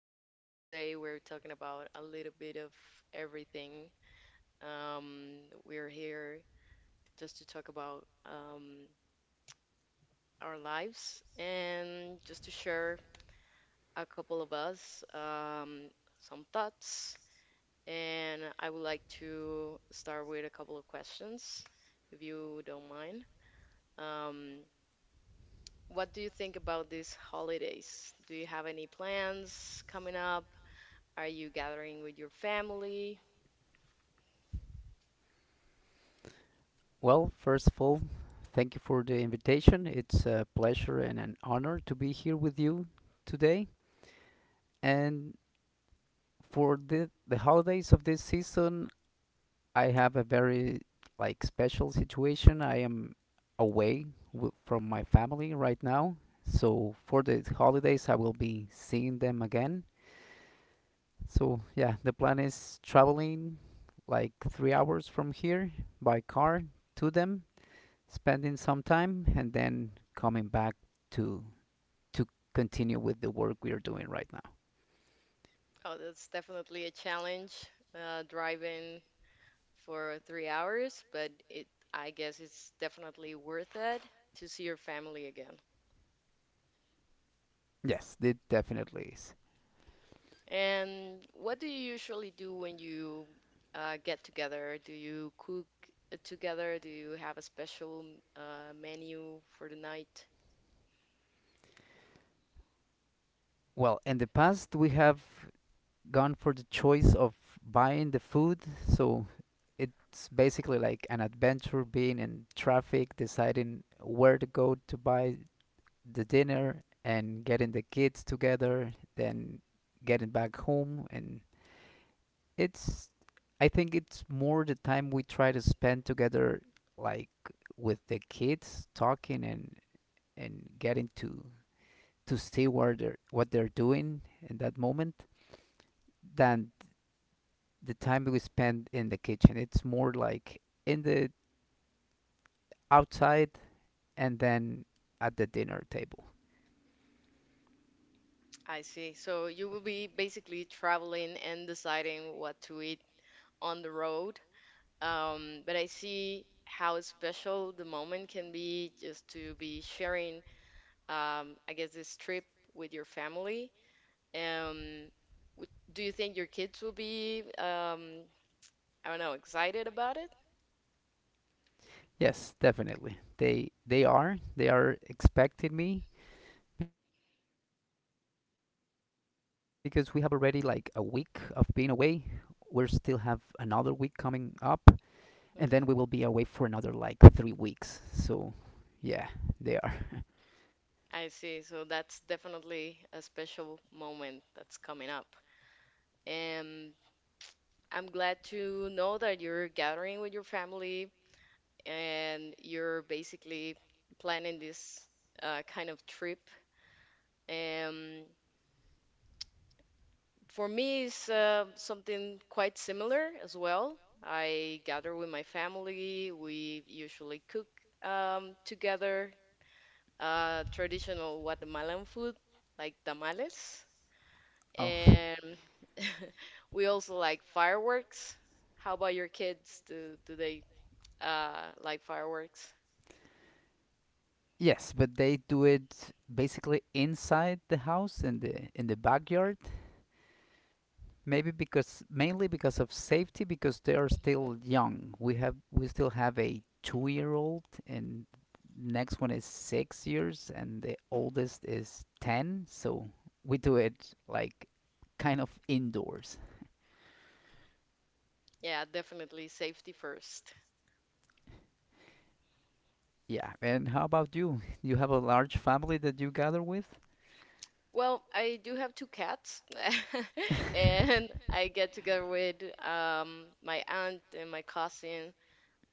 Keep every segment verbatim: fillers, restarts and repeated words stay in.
podcast. Today, we're talking about a little bit of everything. Um, we're here just to talk about um, our lives and just to share a couple of us um, some thoughts. And I would like to start with a couple of questions, if you don't mind. Um, what do you think about these holidays? Do you have any plans coming up? Are you gathering with your family? Well, first of all, thank you for the invitation. It's a pleasure and an honor to be here with you today. And for the the holidays of this season, I have a very like special situation. I am away w- from my family right now. So for the holidays, I will be seeing them again. So yeah, the plan is traveling like three hours from here by car to them, spending some time and then coming back to to continue with the work we are doing right now. Oh, that's definitely a challenge, uh, driving for three hours, but it, I guess it's definitely worth it to see your family again. Yes, it definitely is. And what do you usually do when you uh, get together? Do you cook uh, together? Do you have a special uh, menu for the night? Well, in the past we have gone for the choice of buying the food, so it's basically like an adventure being in traffic, deciding where to go to buy the dinner and getting the kids together, then getting back home, and it's I think it's more the time we try to spend together like with the kids talking and and getting to to see where they're what they're doing in that moment than the time we spend in the kitchen. It's more like in the outside and then at the dinner table. I see. So you will be basically traveling and deciding what to eat on the road. Um, but I see how special the moment can be just to be sharing, um, I guess, this trip with your family. Um, w- do you think your kids will be, um, I don't know, excited about it? Yes, definitely. They they are they are expecting me because we have already like a week of being away. We still have another week coming up, and then we will be away for another Hmm, like three weeks. So yeah, they are. I see. So that's definitely a special moment that's coming up. And I'm glad to know that you're gathering with your family and you're basically planning this uh, kind of trip. Um, For me, it's uh, something quite similar as well. I gather with my family. We usually cook um, together uh, traditional Guatemalan food like tamales. oh, And we also like fireworks. How about your kids? Do, do they uh, like fireworks? yes, but they do it basically inside the house, in the in the backyard. Maybe because Mainly because of safety, because they are still Hmm, young. We have we still have a two-year-old, and next one is six years, and the oldest is ten. So we do it like kind of indoors. yeah, definitely safety first. Yeah. And how about you? You have a large family that you gather with? Well, I do have two cats, and I get together with um, my aunt and my cousin.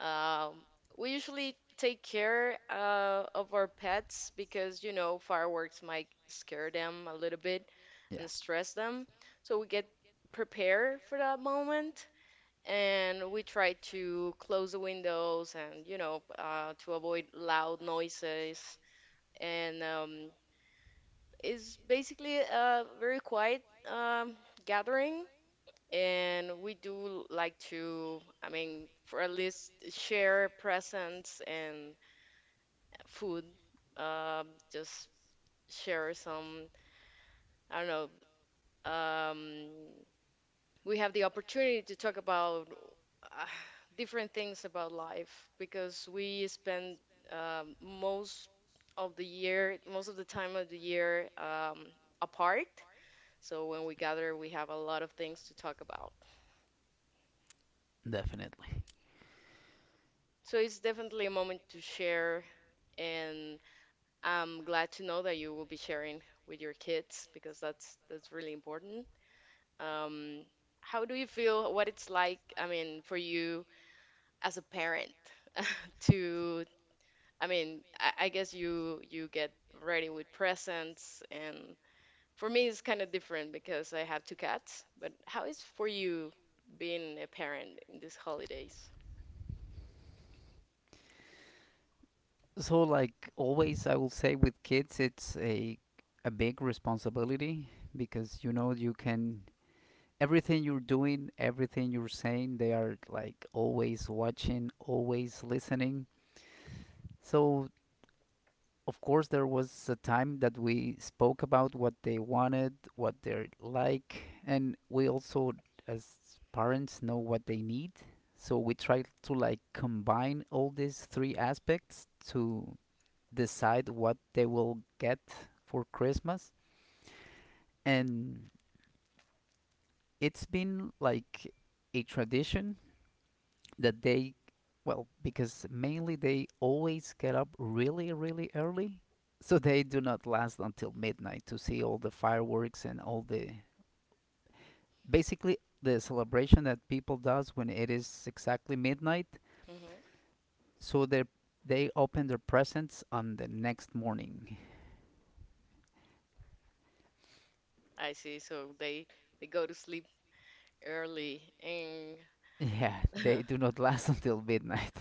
Um, we usually take care uh, of our pets because, you know, fireworks might scare them a little bit Yeah, and stress them. So we get prepared for that moment, and we try to close the windows and, you know, uh, to avoid loud noises and um, it's basically a very quiet um, gathering, and we do like to, I mean, for at least share presents and food. Um, just share some, I don't know. Um, we have the opportunity to talk about uh, different things about life because we spend um, most of the year, most of the time of the year um, apart. So when we gather, we have a lot of things to talk about. definitely. So it's definitely a moment to share, and I'm glad to know that you will be sharing with your kids because that's that's really important. Um, how do you feel what it's like, I mean, for you as a parent to, I mean, I, I guess you you get ready with presents and for me it's kind of different because I have two cats, but how is for you being a parent in these holidays? So, like always, I will say with kids, it's a a big responsibility because you know you can everything you're doing, everything you're saying, they are like always watching, always listening. So, of course, there was a time that we spoke about what they wanted, what they're like, and we also, as parents, know what they need. So we try to like combine all these three aspects to decide what they will get for Christmas. And it's been like a tradition that they, well, because mainly they always get up really, really early. So they do not last until midnight to see all the fireworks and all the basically the celebration that people does when it is exactly midnight. Mm-hmm. So they they open their presents on the next morning. I see. So they they go to sleep early and Yeah, yeah, they do not last until midnight.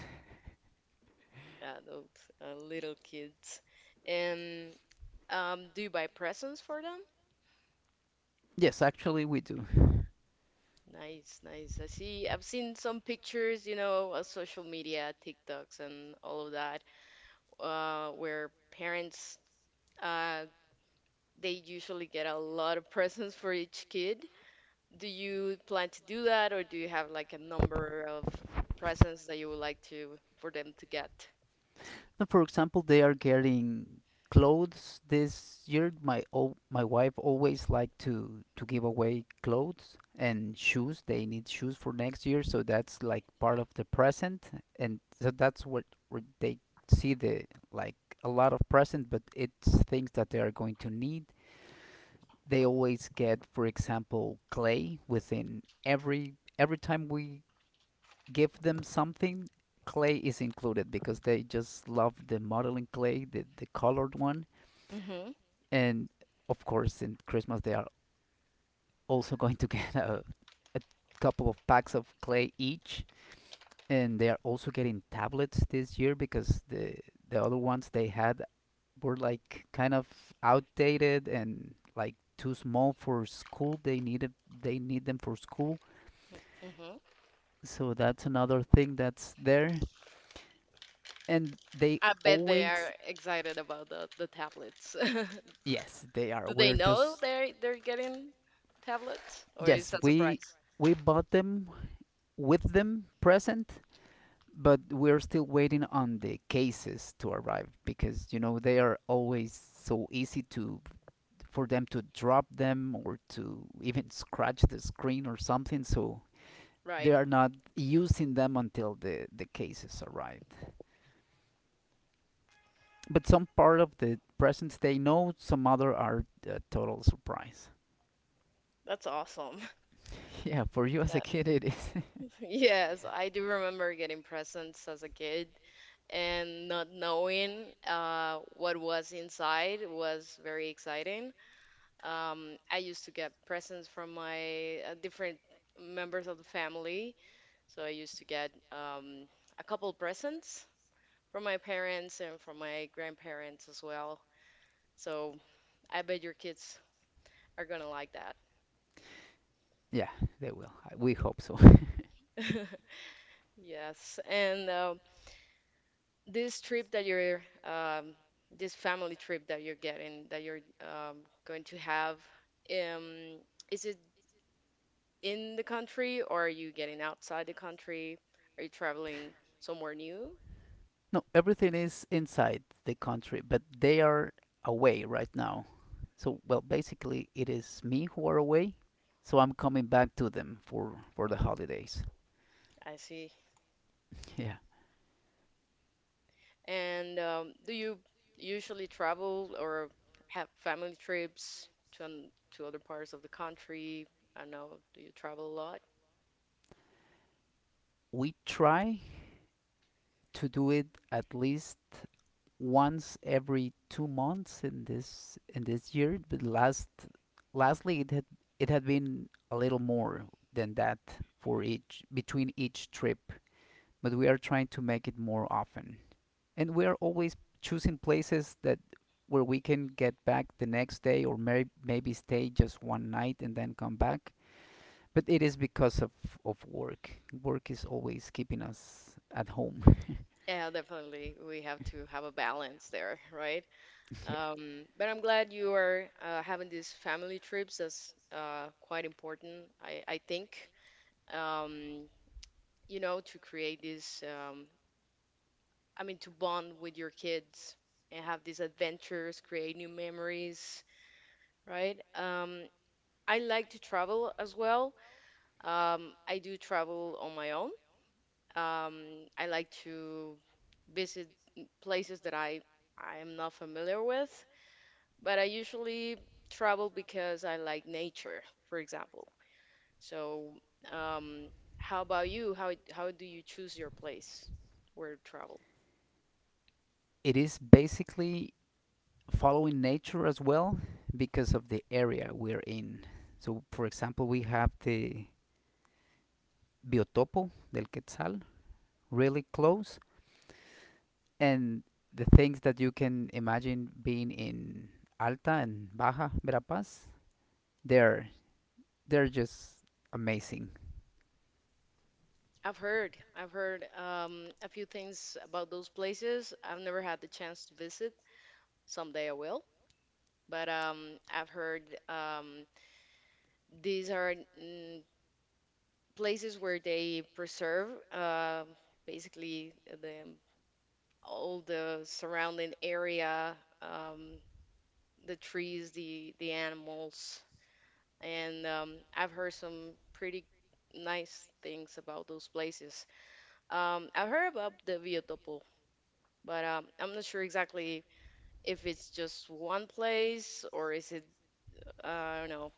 those uh, little kids. And um, do you buy presents for them? Yes, actually we do. Nice, nice. I see. I've seen some pictures, you know, on social media, TikToks, and all of that, uh, where parents uh, they usually get a lot of presents for each kid. Do you plan to do that, or do you have like a number of presents that you would like to for them to get? No, for example, they are getting clothes this year. My o- my wife always like to to give away clothes and shoes. They need shoes for next year, so that's like part of the present, and so that's what where they see the like a lot of present, but it's things that they are going to need. They always get, for example, clay. Within every every time we give them something, clay is included because they just love the modeling clay, the, the colored one. Mm-hmm. And of course, in Christmas, they are also going to get a, a couple of packs of clay each. And they are also getting tablets this year because the, the other ones they had were like kind of outdated and like too small for school. They needed they need them for school, Mm-hmm. so that's another thing that's there. And they I bet they are always— excited about the, the tablets. Yes, they are. Do they We're know just they're they're getting tablets, or is Yes, that we surprise? we bought them with them present, but we're still waiting on the cases to arrive because you know they are always so easy to for them to drop them or to even scratch the screen or something. So they Right. are not using them until the the cases arrived. But some part of the presents they know, some other are a total surprise. That's awesome. Yeah, for you as Yeah. a kid, it is. Yes, I do remember getting presents as a kid and not knowing uh, what was inside was very exciting. Um, I used to get presents from my uh, different members of the family. So I used to get um, a couple presents from my parents and from my grandparents as well. So I bet your kids are gonna like yeah, they will. I- We hope so. that. Yes, and um, this trip that you're, um, this family trip that you're getting, that you're um, going to have, um, is it in the country or are you getting outside the country? Are you traveling somewhere new? no, everything is inside the country, but they are away right now. So, well, basically, it is me who are away. So I'm coming back to them for for the holidays. I see. Yeah, And um, do you usually travel or have family trips to an, to other parts of the country? I know, do you travel a lot? we try to do it at least once every two months in this in this year, but last lastly it had it had been a little more than that for each between each trip. But we are trying to make it more often, and we are always choosing places that where we can get back the next day or may, maybe stay just one night and then come back. But it is because of, of work. Work is always keeping us at home. Yeah, definitely. We have to have a balance there, right? yeah. Um, but I'm glad you are uh, having these family trips. That's uh, quite important, I, I think. Um, you know, to create this, um, I mean, to bond with your kids and have these adventures, create new memories, right? Um, I like to travel as well. Um, I do travel on my own. Um, I like to visit places that I I am not familiar with, but I usually travel because I like nature, for example. So, um, how about you? How how do you choose your place where to travel? It is basically following nature as well because of the area we're in. So, for example, we have the Biotopo del Quetzal really close, and the things that you can imagine being in Alta and Baja Verapaz, they're they're just amazing. I've heard I've heard um, a few things about those places. I've never had the chance to visit. Someday I will. But um, I've heard um, These are mm, places where they preserve um, basically the all the surrounding area, um, the trees, the the animals, and um, I've heard some pretty nice things about those places. Um, I've heard about the Biotopo, but um, I'm not sure exactly if it's just one place or is it uh, I don't know.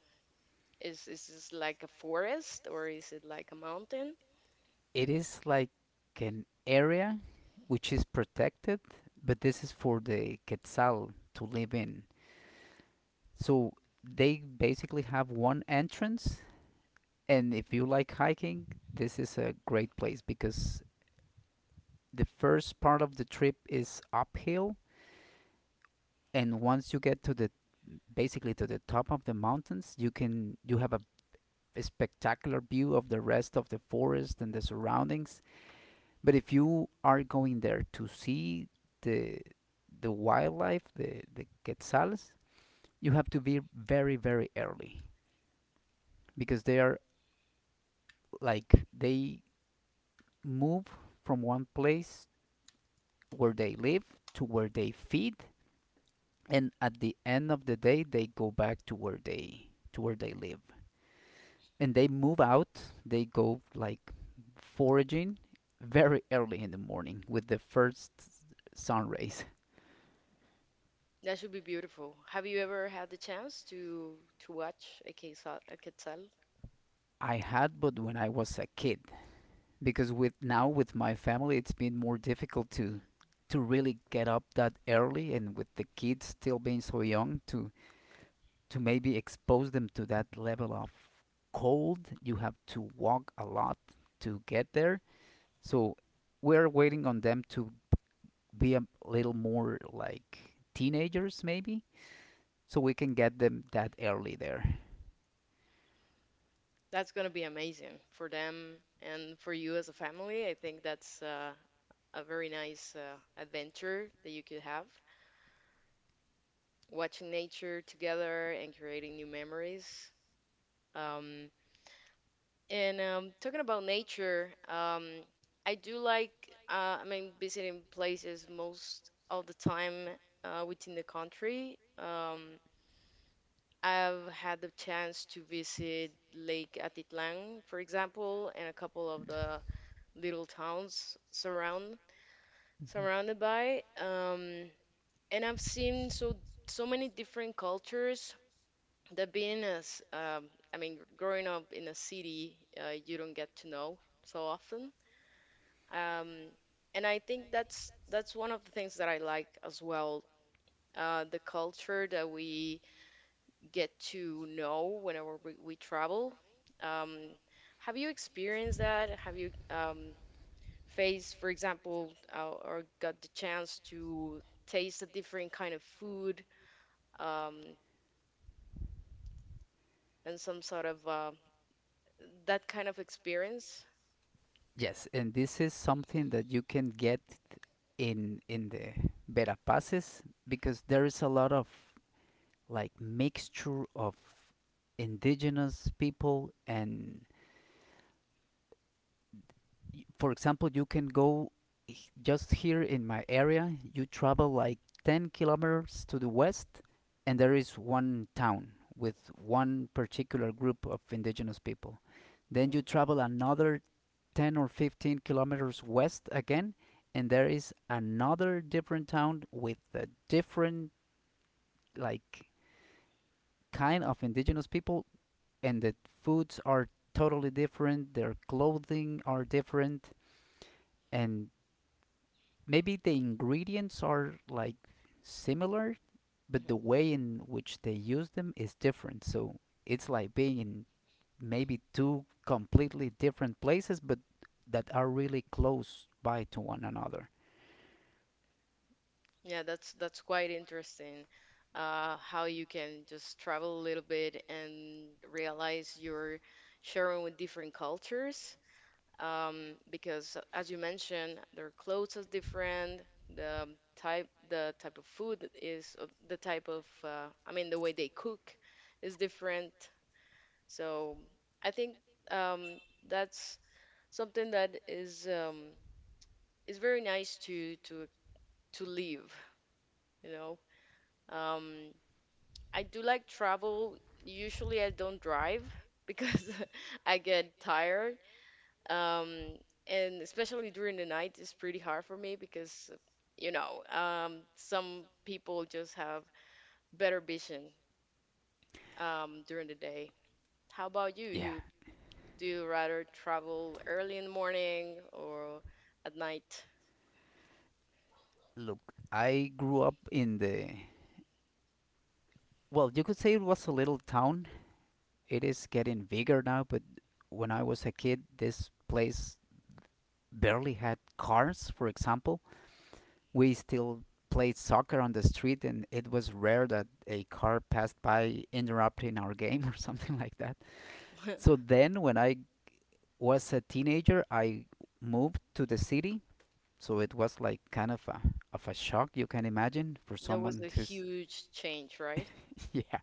Is is this like a forest or is it like a mountain? It is like an area which is protected, but this is for the Quetzal to live in. So they basically have one entrance. And if you like hiking, this is a great place because the first part of the trip is uphill, and once you get to the basically to the top of the mountains, you can you have a a spectacular view of the rest of the forest and the surroundings. But if you are going there to see the the wildlife, the the quetzals, you have to be very very early because they are like they move from one place where they live to where they feed, and at the end of the day they go back to where they to where they live. And they move out they go like foraging very early in the morning with the first sun rays. That should be beautiful. Have you ever had the chance to to watch a quetzal? A quetzal? I had But when I was a kid. Because with now with my family it's been more difficult to to really get up that early, and with the kids still being so young to to maybe expose them to that level of cold. You have to walk a lot to get there. So we're waiting on them to be a little more like teenagers, maybe, so we can get them that early there. That's gonna be amazing for them and for you as a family. I think that's uh, a very nice uh, adventure that you could have, watching nature together and creating new memories. Um, and um, talking about nature, um, I do like, uh, I mean, visiting places most of the time uh, within the country. Um, I've had the chance to visit Lake Atitlan, for example, and a couple of the little towns surround Mm-hmm. surrounded by. Um, and I've seen so so many different cultures that being as um, I mean, growing up in a city, uh, you don't get to know so often. Um, and I think that's that's one of the things that I like as well. Uh, the culture that we get to know whenever we, we travel. Um, have you experienced that? Have you um, faced, for example, uh, or got the chance to taste a different kind of food um, and some sort of uh, that kind of experience? Yes, and this is something that you can get in in the Verapaces because there is a lot of like mixture of indigenous people. And y- for example, you can go h- just here in my area, you travel like ten kilometers to the west, and there is one town with one particular group of indigenous people. Then you Hmm. travel another ten or fifteen kilometers west again, and there is another different town with a different, like, kind of indigenous people, and the foods are totally different, their clothing are different, and maybe the ingredients are like similar, but the Hmm. way in which they use them is different. So it's like being in maybe two completely different places, but that are really close by to one another. Yeah, that's that's quite interesting. Uh, how you can just travel a little bit and realize you're sharing with different cultures. Um, because as you mentioned, their clothes is different. The type, the type of food is uh, the type of, uh, I mean, the way they cook is different. So I think um, that's something that is um, is very nice to to to live. You know, um, I do like travel. Usually, I don't drive because I get tired. um and especially during the night it's pretty hard for me because you know um some people just have better vision um during the day. How about you, Yeah. you do you rather travel early in the morning or at night? Look, I grew up in the, well, you could say it was a little town. It is getting bigger now, but when I was a kid, this place barely had cars, for example. We still played soccer on the street, and it was rare that a car passed by interrupting our game or something like that. So then, when I was a teenager, I moved to the city. So it was like kind of a, of a shock, you can imagine, for There was someone a who's. huge change, right? yeah.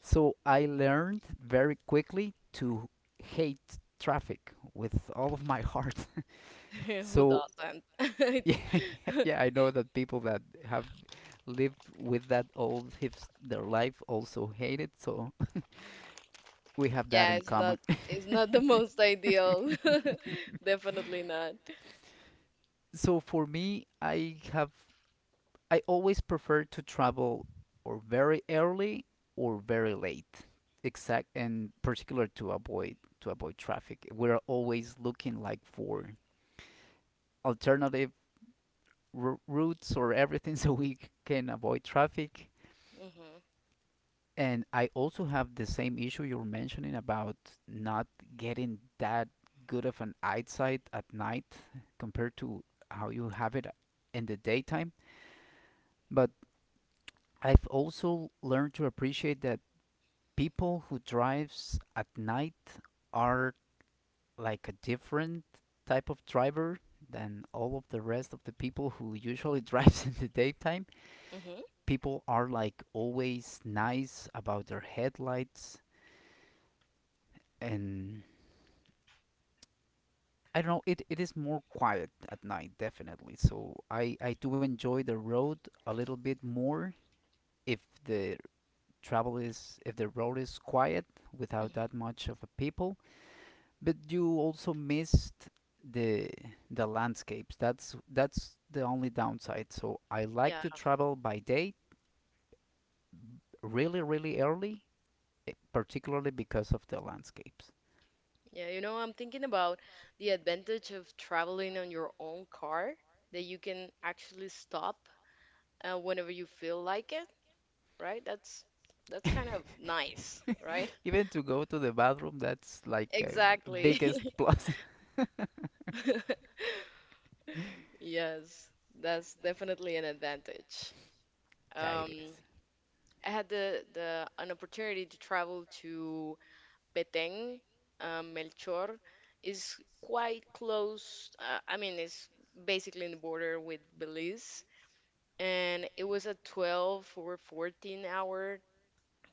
So I learned very quickly to hate traffic with all of my heart. Who So doesn't? yeah, yeah, I know that people that have live with that all his their life also hate it, so we have that Yeah, in it's not common. it's not the most ideal. Definitely not. So for me, i have i always prefer to travel or very early or very late, exact and particular, to avoid to avoid traffic. We're always looking like for alternative r- routes or everything. So we c- can avoid traffic. Mhm. And I also have the same issue you're mentioning about not getting that good of an eyesight at night compared to how you have it in the daytime. But I've also learned to appreciate that people who drives at night are like a different type of driver than all of the rest of the people who usually drives in the daytime. Mhm. People are like always nice about their headlights, and I don't know. It, it is more quiet at night, definitely. So I I do enjoy the road a little bit more if the travel is if the road is quiet without Mhm. that much of a people. But you also missed the the landscapes. That's that's the only downside. So I like to travel by day, really really early, eh, particularly because of the landscapes. Yeah, you know, I'm thinking about the advantage of traveling on your own car that you can actually stop uh, whenever you feel like it, right? That's that's kind of nice, right? Even to go to the bathroom, that's like a Exactly. biggest plus. Yes, that's definitely an advantage. yeah, it Um, is. I had the, the an opportunity to travel to Petén, um, Melchor is quite close. Uh, I mean, it's basically in the border with Belize. And it was a twelve or fourteen hour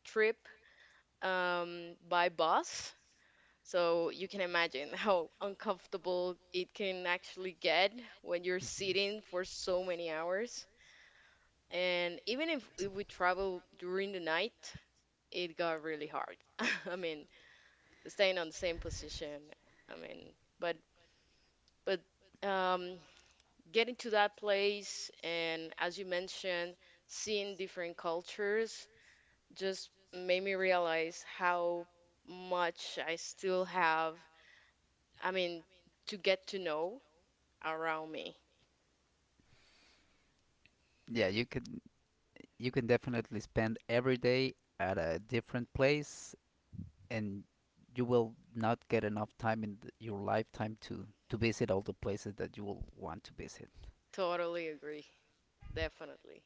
trip um, by bus. So you can imagine how uncomfortable it can actually get when you're sitting for so many hours. And even if, if we travel during the night, it got really hard. I mean, staying on the same position. I mean, but but um, getting to that place and as you mentioned, seeing different cultures just made me realize how much I still have, I mean, to get to know around me. Yeah, you can you can definitely spend every day at a different place, and you will not get enough time in th- your lifetime to to visit all the places that you will want to visit. Totally agree. Definitely.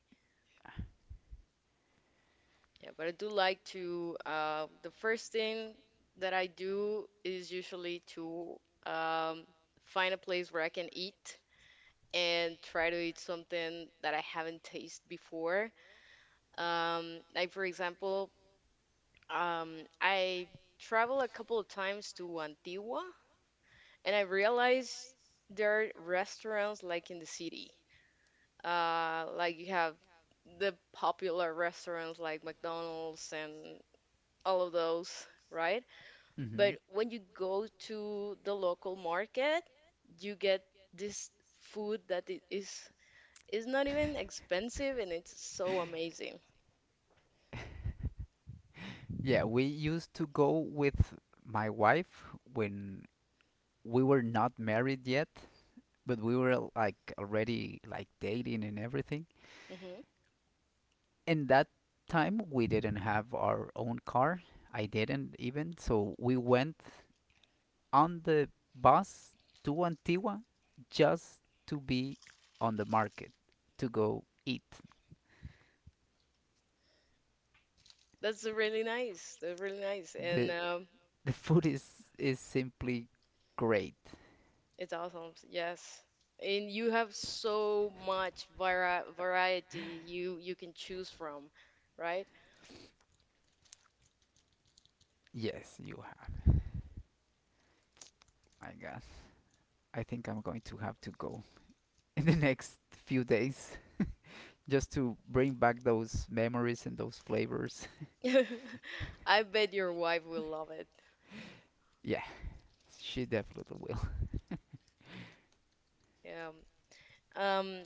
Yeah, but I do like to, uh, the first thing that I do is usually to um, find a place where I can eat and try to eat something that I haven't tasted before. Um, like, for example, um, I traveled a couple of times to Antigua. And I realized there are restaurants like in the city. Uh, like you have the popular restaurants like McDonald's and all of those, right? Hmm. But when you go to the local market, you get this food that it is is not even expensive and it's so amazing. Yeah, we used to go with my wife when we were not married yet, but we were like already like dating and everything. Hmm, In that time we didn't have our own car. I didn't even So we went on the bus to Antigua just to be on the market, to go eat. that's really nice. That's really nice. And the um, the food is is simply great. it's awesome. Yes. And you have so much vari variety you you can choose from, right? Yes, you have. i guess I think I'm going to have to go in the next few days just to bring back those memories and those flavors. I bet your wife will love it. Yeah, she definitely will Yeah. Um,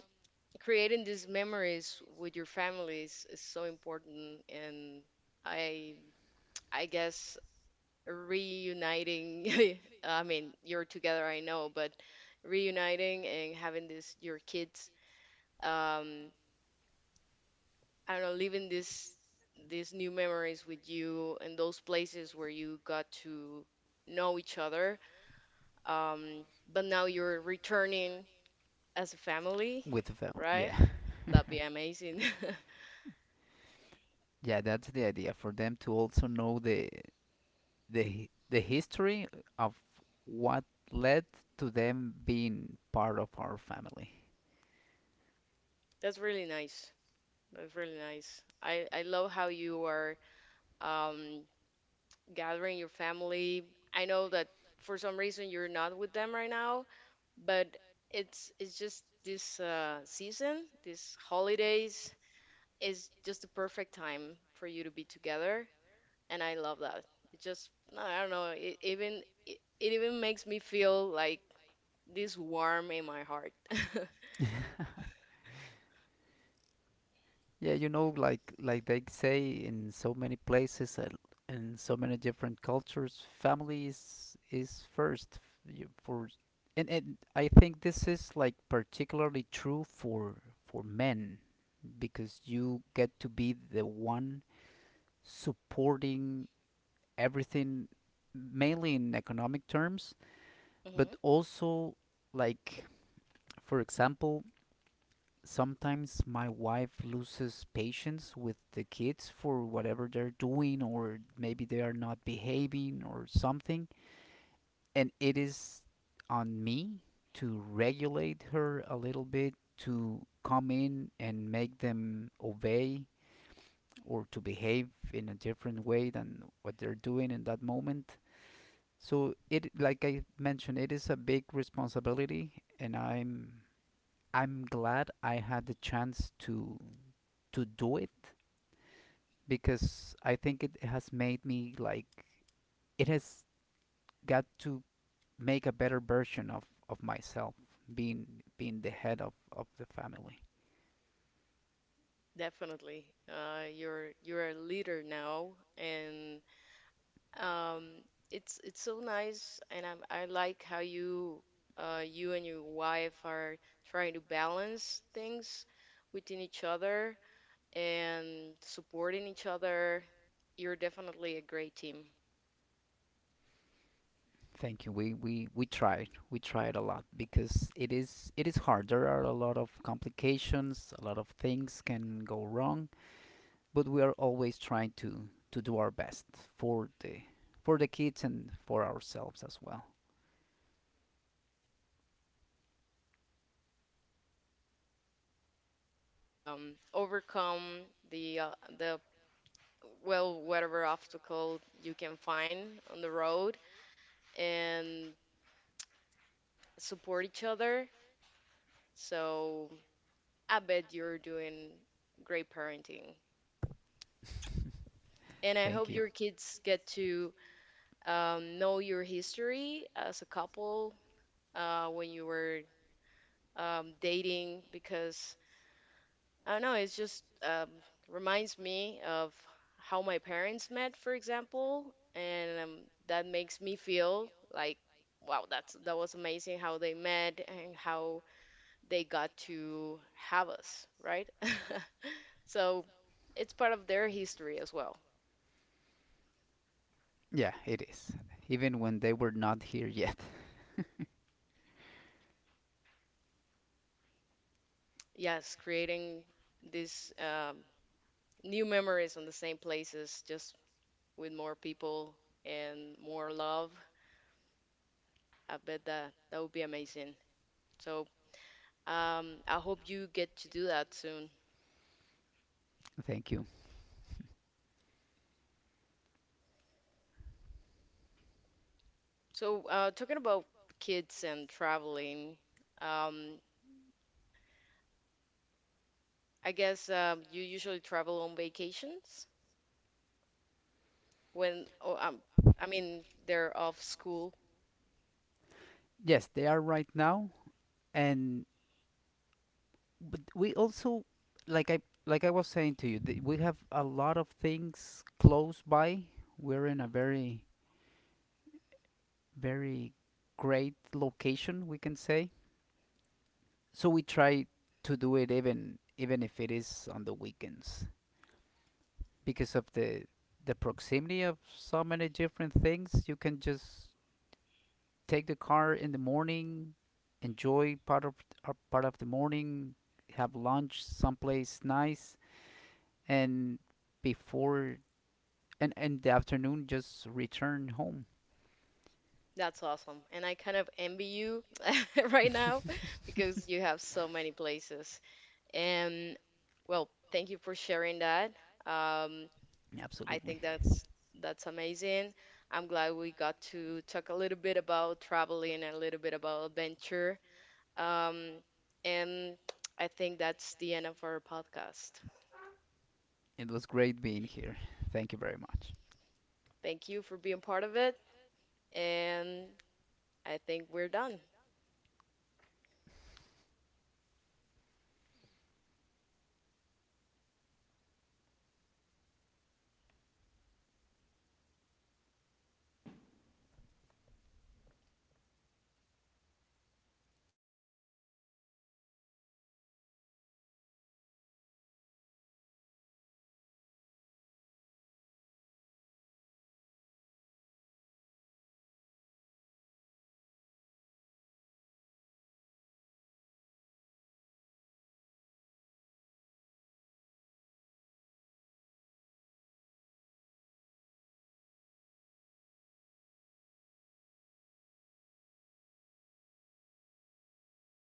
Creating these memories with your families is so important, and I I guess reuniting, I mean, you're together, I know, but reuniting and having this your kids, um, I don't know, living this these new memories with you and those places where you got to know each other. Um, but now you're returning as a family, with the film. right? Yeah. That'd be amazing. yeah, that's the idea for them to also know the the the history of what led to them being part of our family. That's really nice. That's really nice. I, I love how you are um, gathering your family. I know that for some reason you're not with them right now, but it's it's just this uh, season, these holidays, is just the perfect time for you to be together, and I love that. It just no, I don't know, it even it, it even makes me feel like this warm in my heart. Yeah, you know, like like they say in so many places and in so many different cultures, family is is first f- you- for, and and I think this is like particularly true for for men because you get to be the one supporting everything, mainly in economic terms, but Hmm. also, like, for example, sometimes my wife loses patience with the kids for whatever they're doing or maybe they are not behaving or something, and it is on me to regulate her a little bit to come in and make them obey or to behave in a different way than what they're doing in that moment. So it like I mentioned, it is a big responsibility, and i'm i'm glad I had the chance to to do it because I think it has made me like it has got to make a better version of, of myself, being being the head of, of the family. Definitely. Uh, you're you're a leader now, and um, it's it's so nice, and I'm, I like how you uh, you and your wife are trying to balance things within each other, and supporting each other, you're definitely a great team, Thank you. We, we we tried. We tried a lot because it is it is hard. There are a lot of complications, a lot of things can go wrong, but we are always trying to, to do our best for the for the kids and for ourselves as well. of course. And uh, that's, I guess, that's the ingredient for a family, right? Like um, overcome the uh, the well, whatever obstacle you can find on the road, and support each other. So I bet you're doing great parenting. And I Thank hope you. your kids get to um, know your history as a couple uh, when you were um, dating because I don't know, it's just um, reminds me of how my parents met, for example, and um, that makes me feel like wow, that's that was amazing how they met and how they got to have us, right? So it's part of their history as well. Yeah, it is. Even when they were not here yet. Yes, creating these um, new memories on the same places, just with more people and more love. I bet that that would be amazing. So um, I hope you get to do that soon. Thank you. So uh, talking about kids and traveling, um, I guess um, you usually travel on vacations when, oh, um, I mean, they're off school. Yes, they are right now, and but we also, like I like I was saying to you, th- we have a lot of things close by. We're in a very very great location, we can say. So we try to do it even even if it is on the weekends because of the the proximity of so many different things. You can just take the car in the morning, enjoy part of uh, part of the morning, have lunch someplace nice, and before and and the afternoon just return home. That's awesome. And I kind of envy you right now because you have so many places. And well, thank you for sharing that. Um, I Absolutely, think that's that's amazing. I'm glad we got to talk a little bit about traveling and a little bit about adventure. Um, and I think that's the end of our podcast. it was great being here. Thank you very much. Thank you for being part of it, and I think we're done.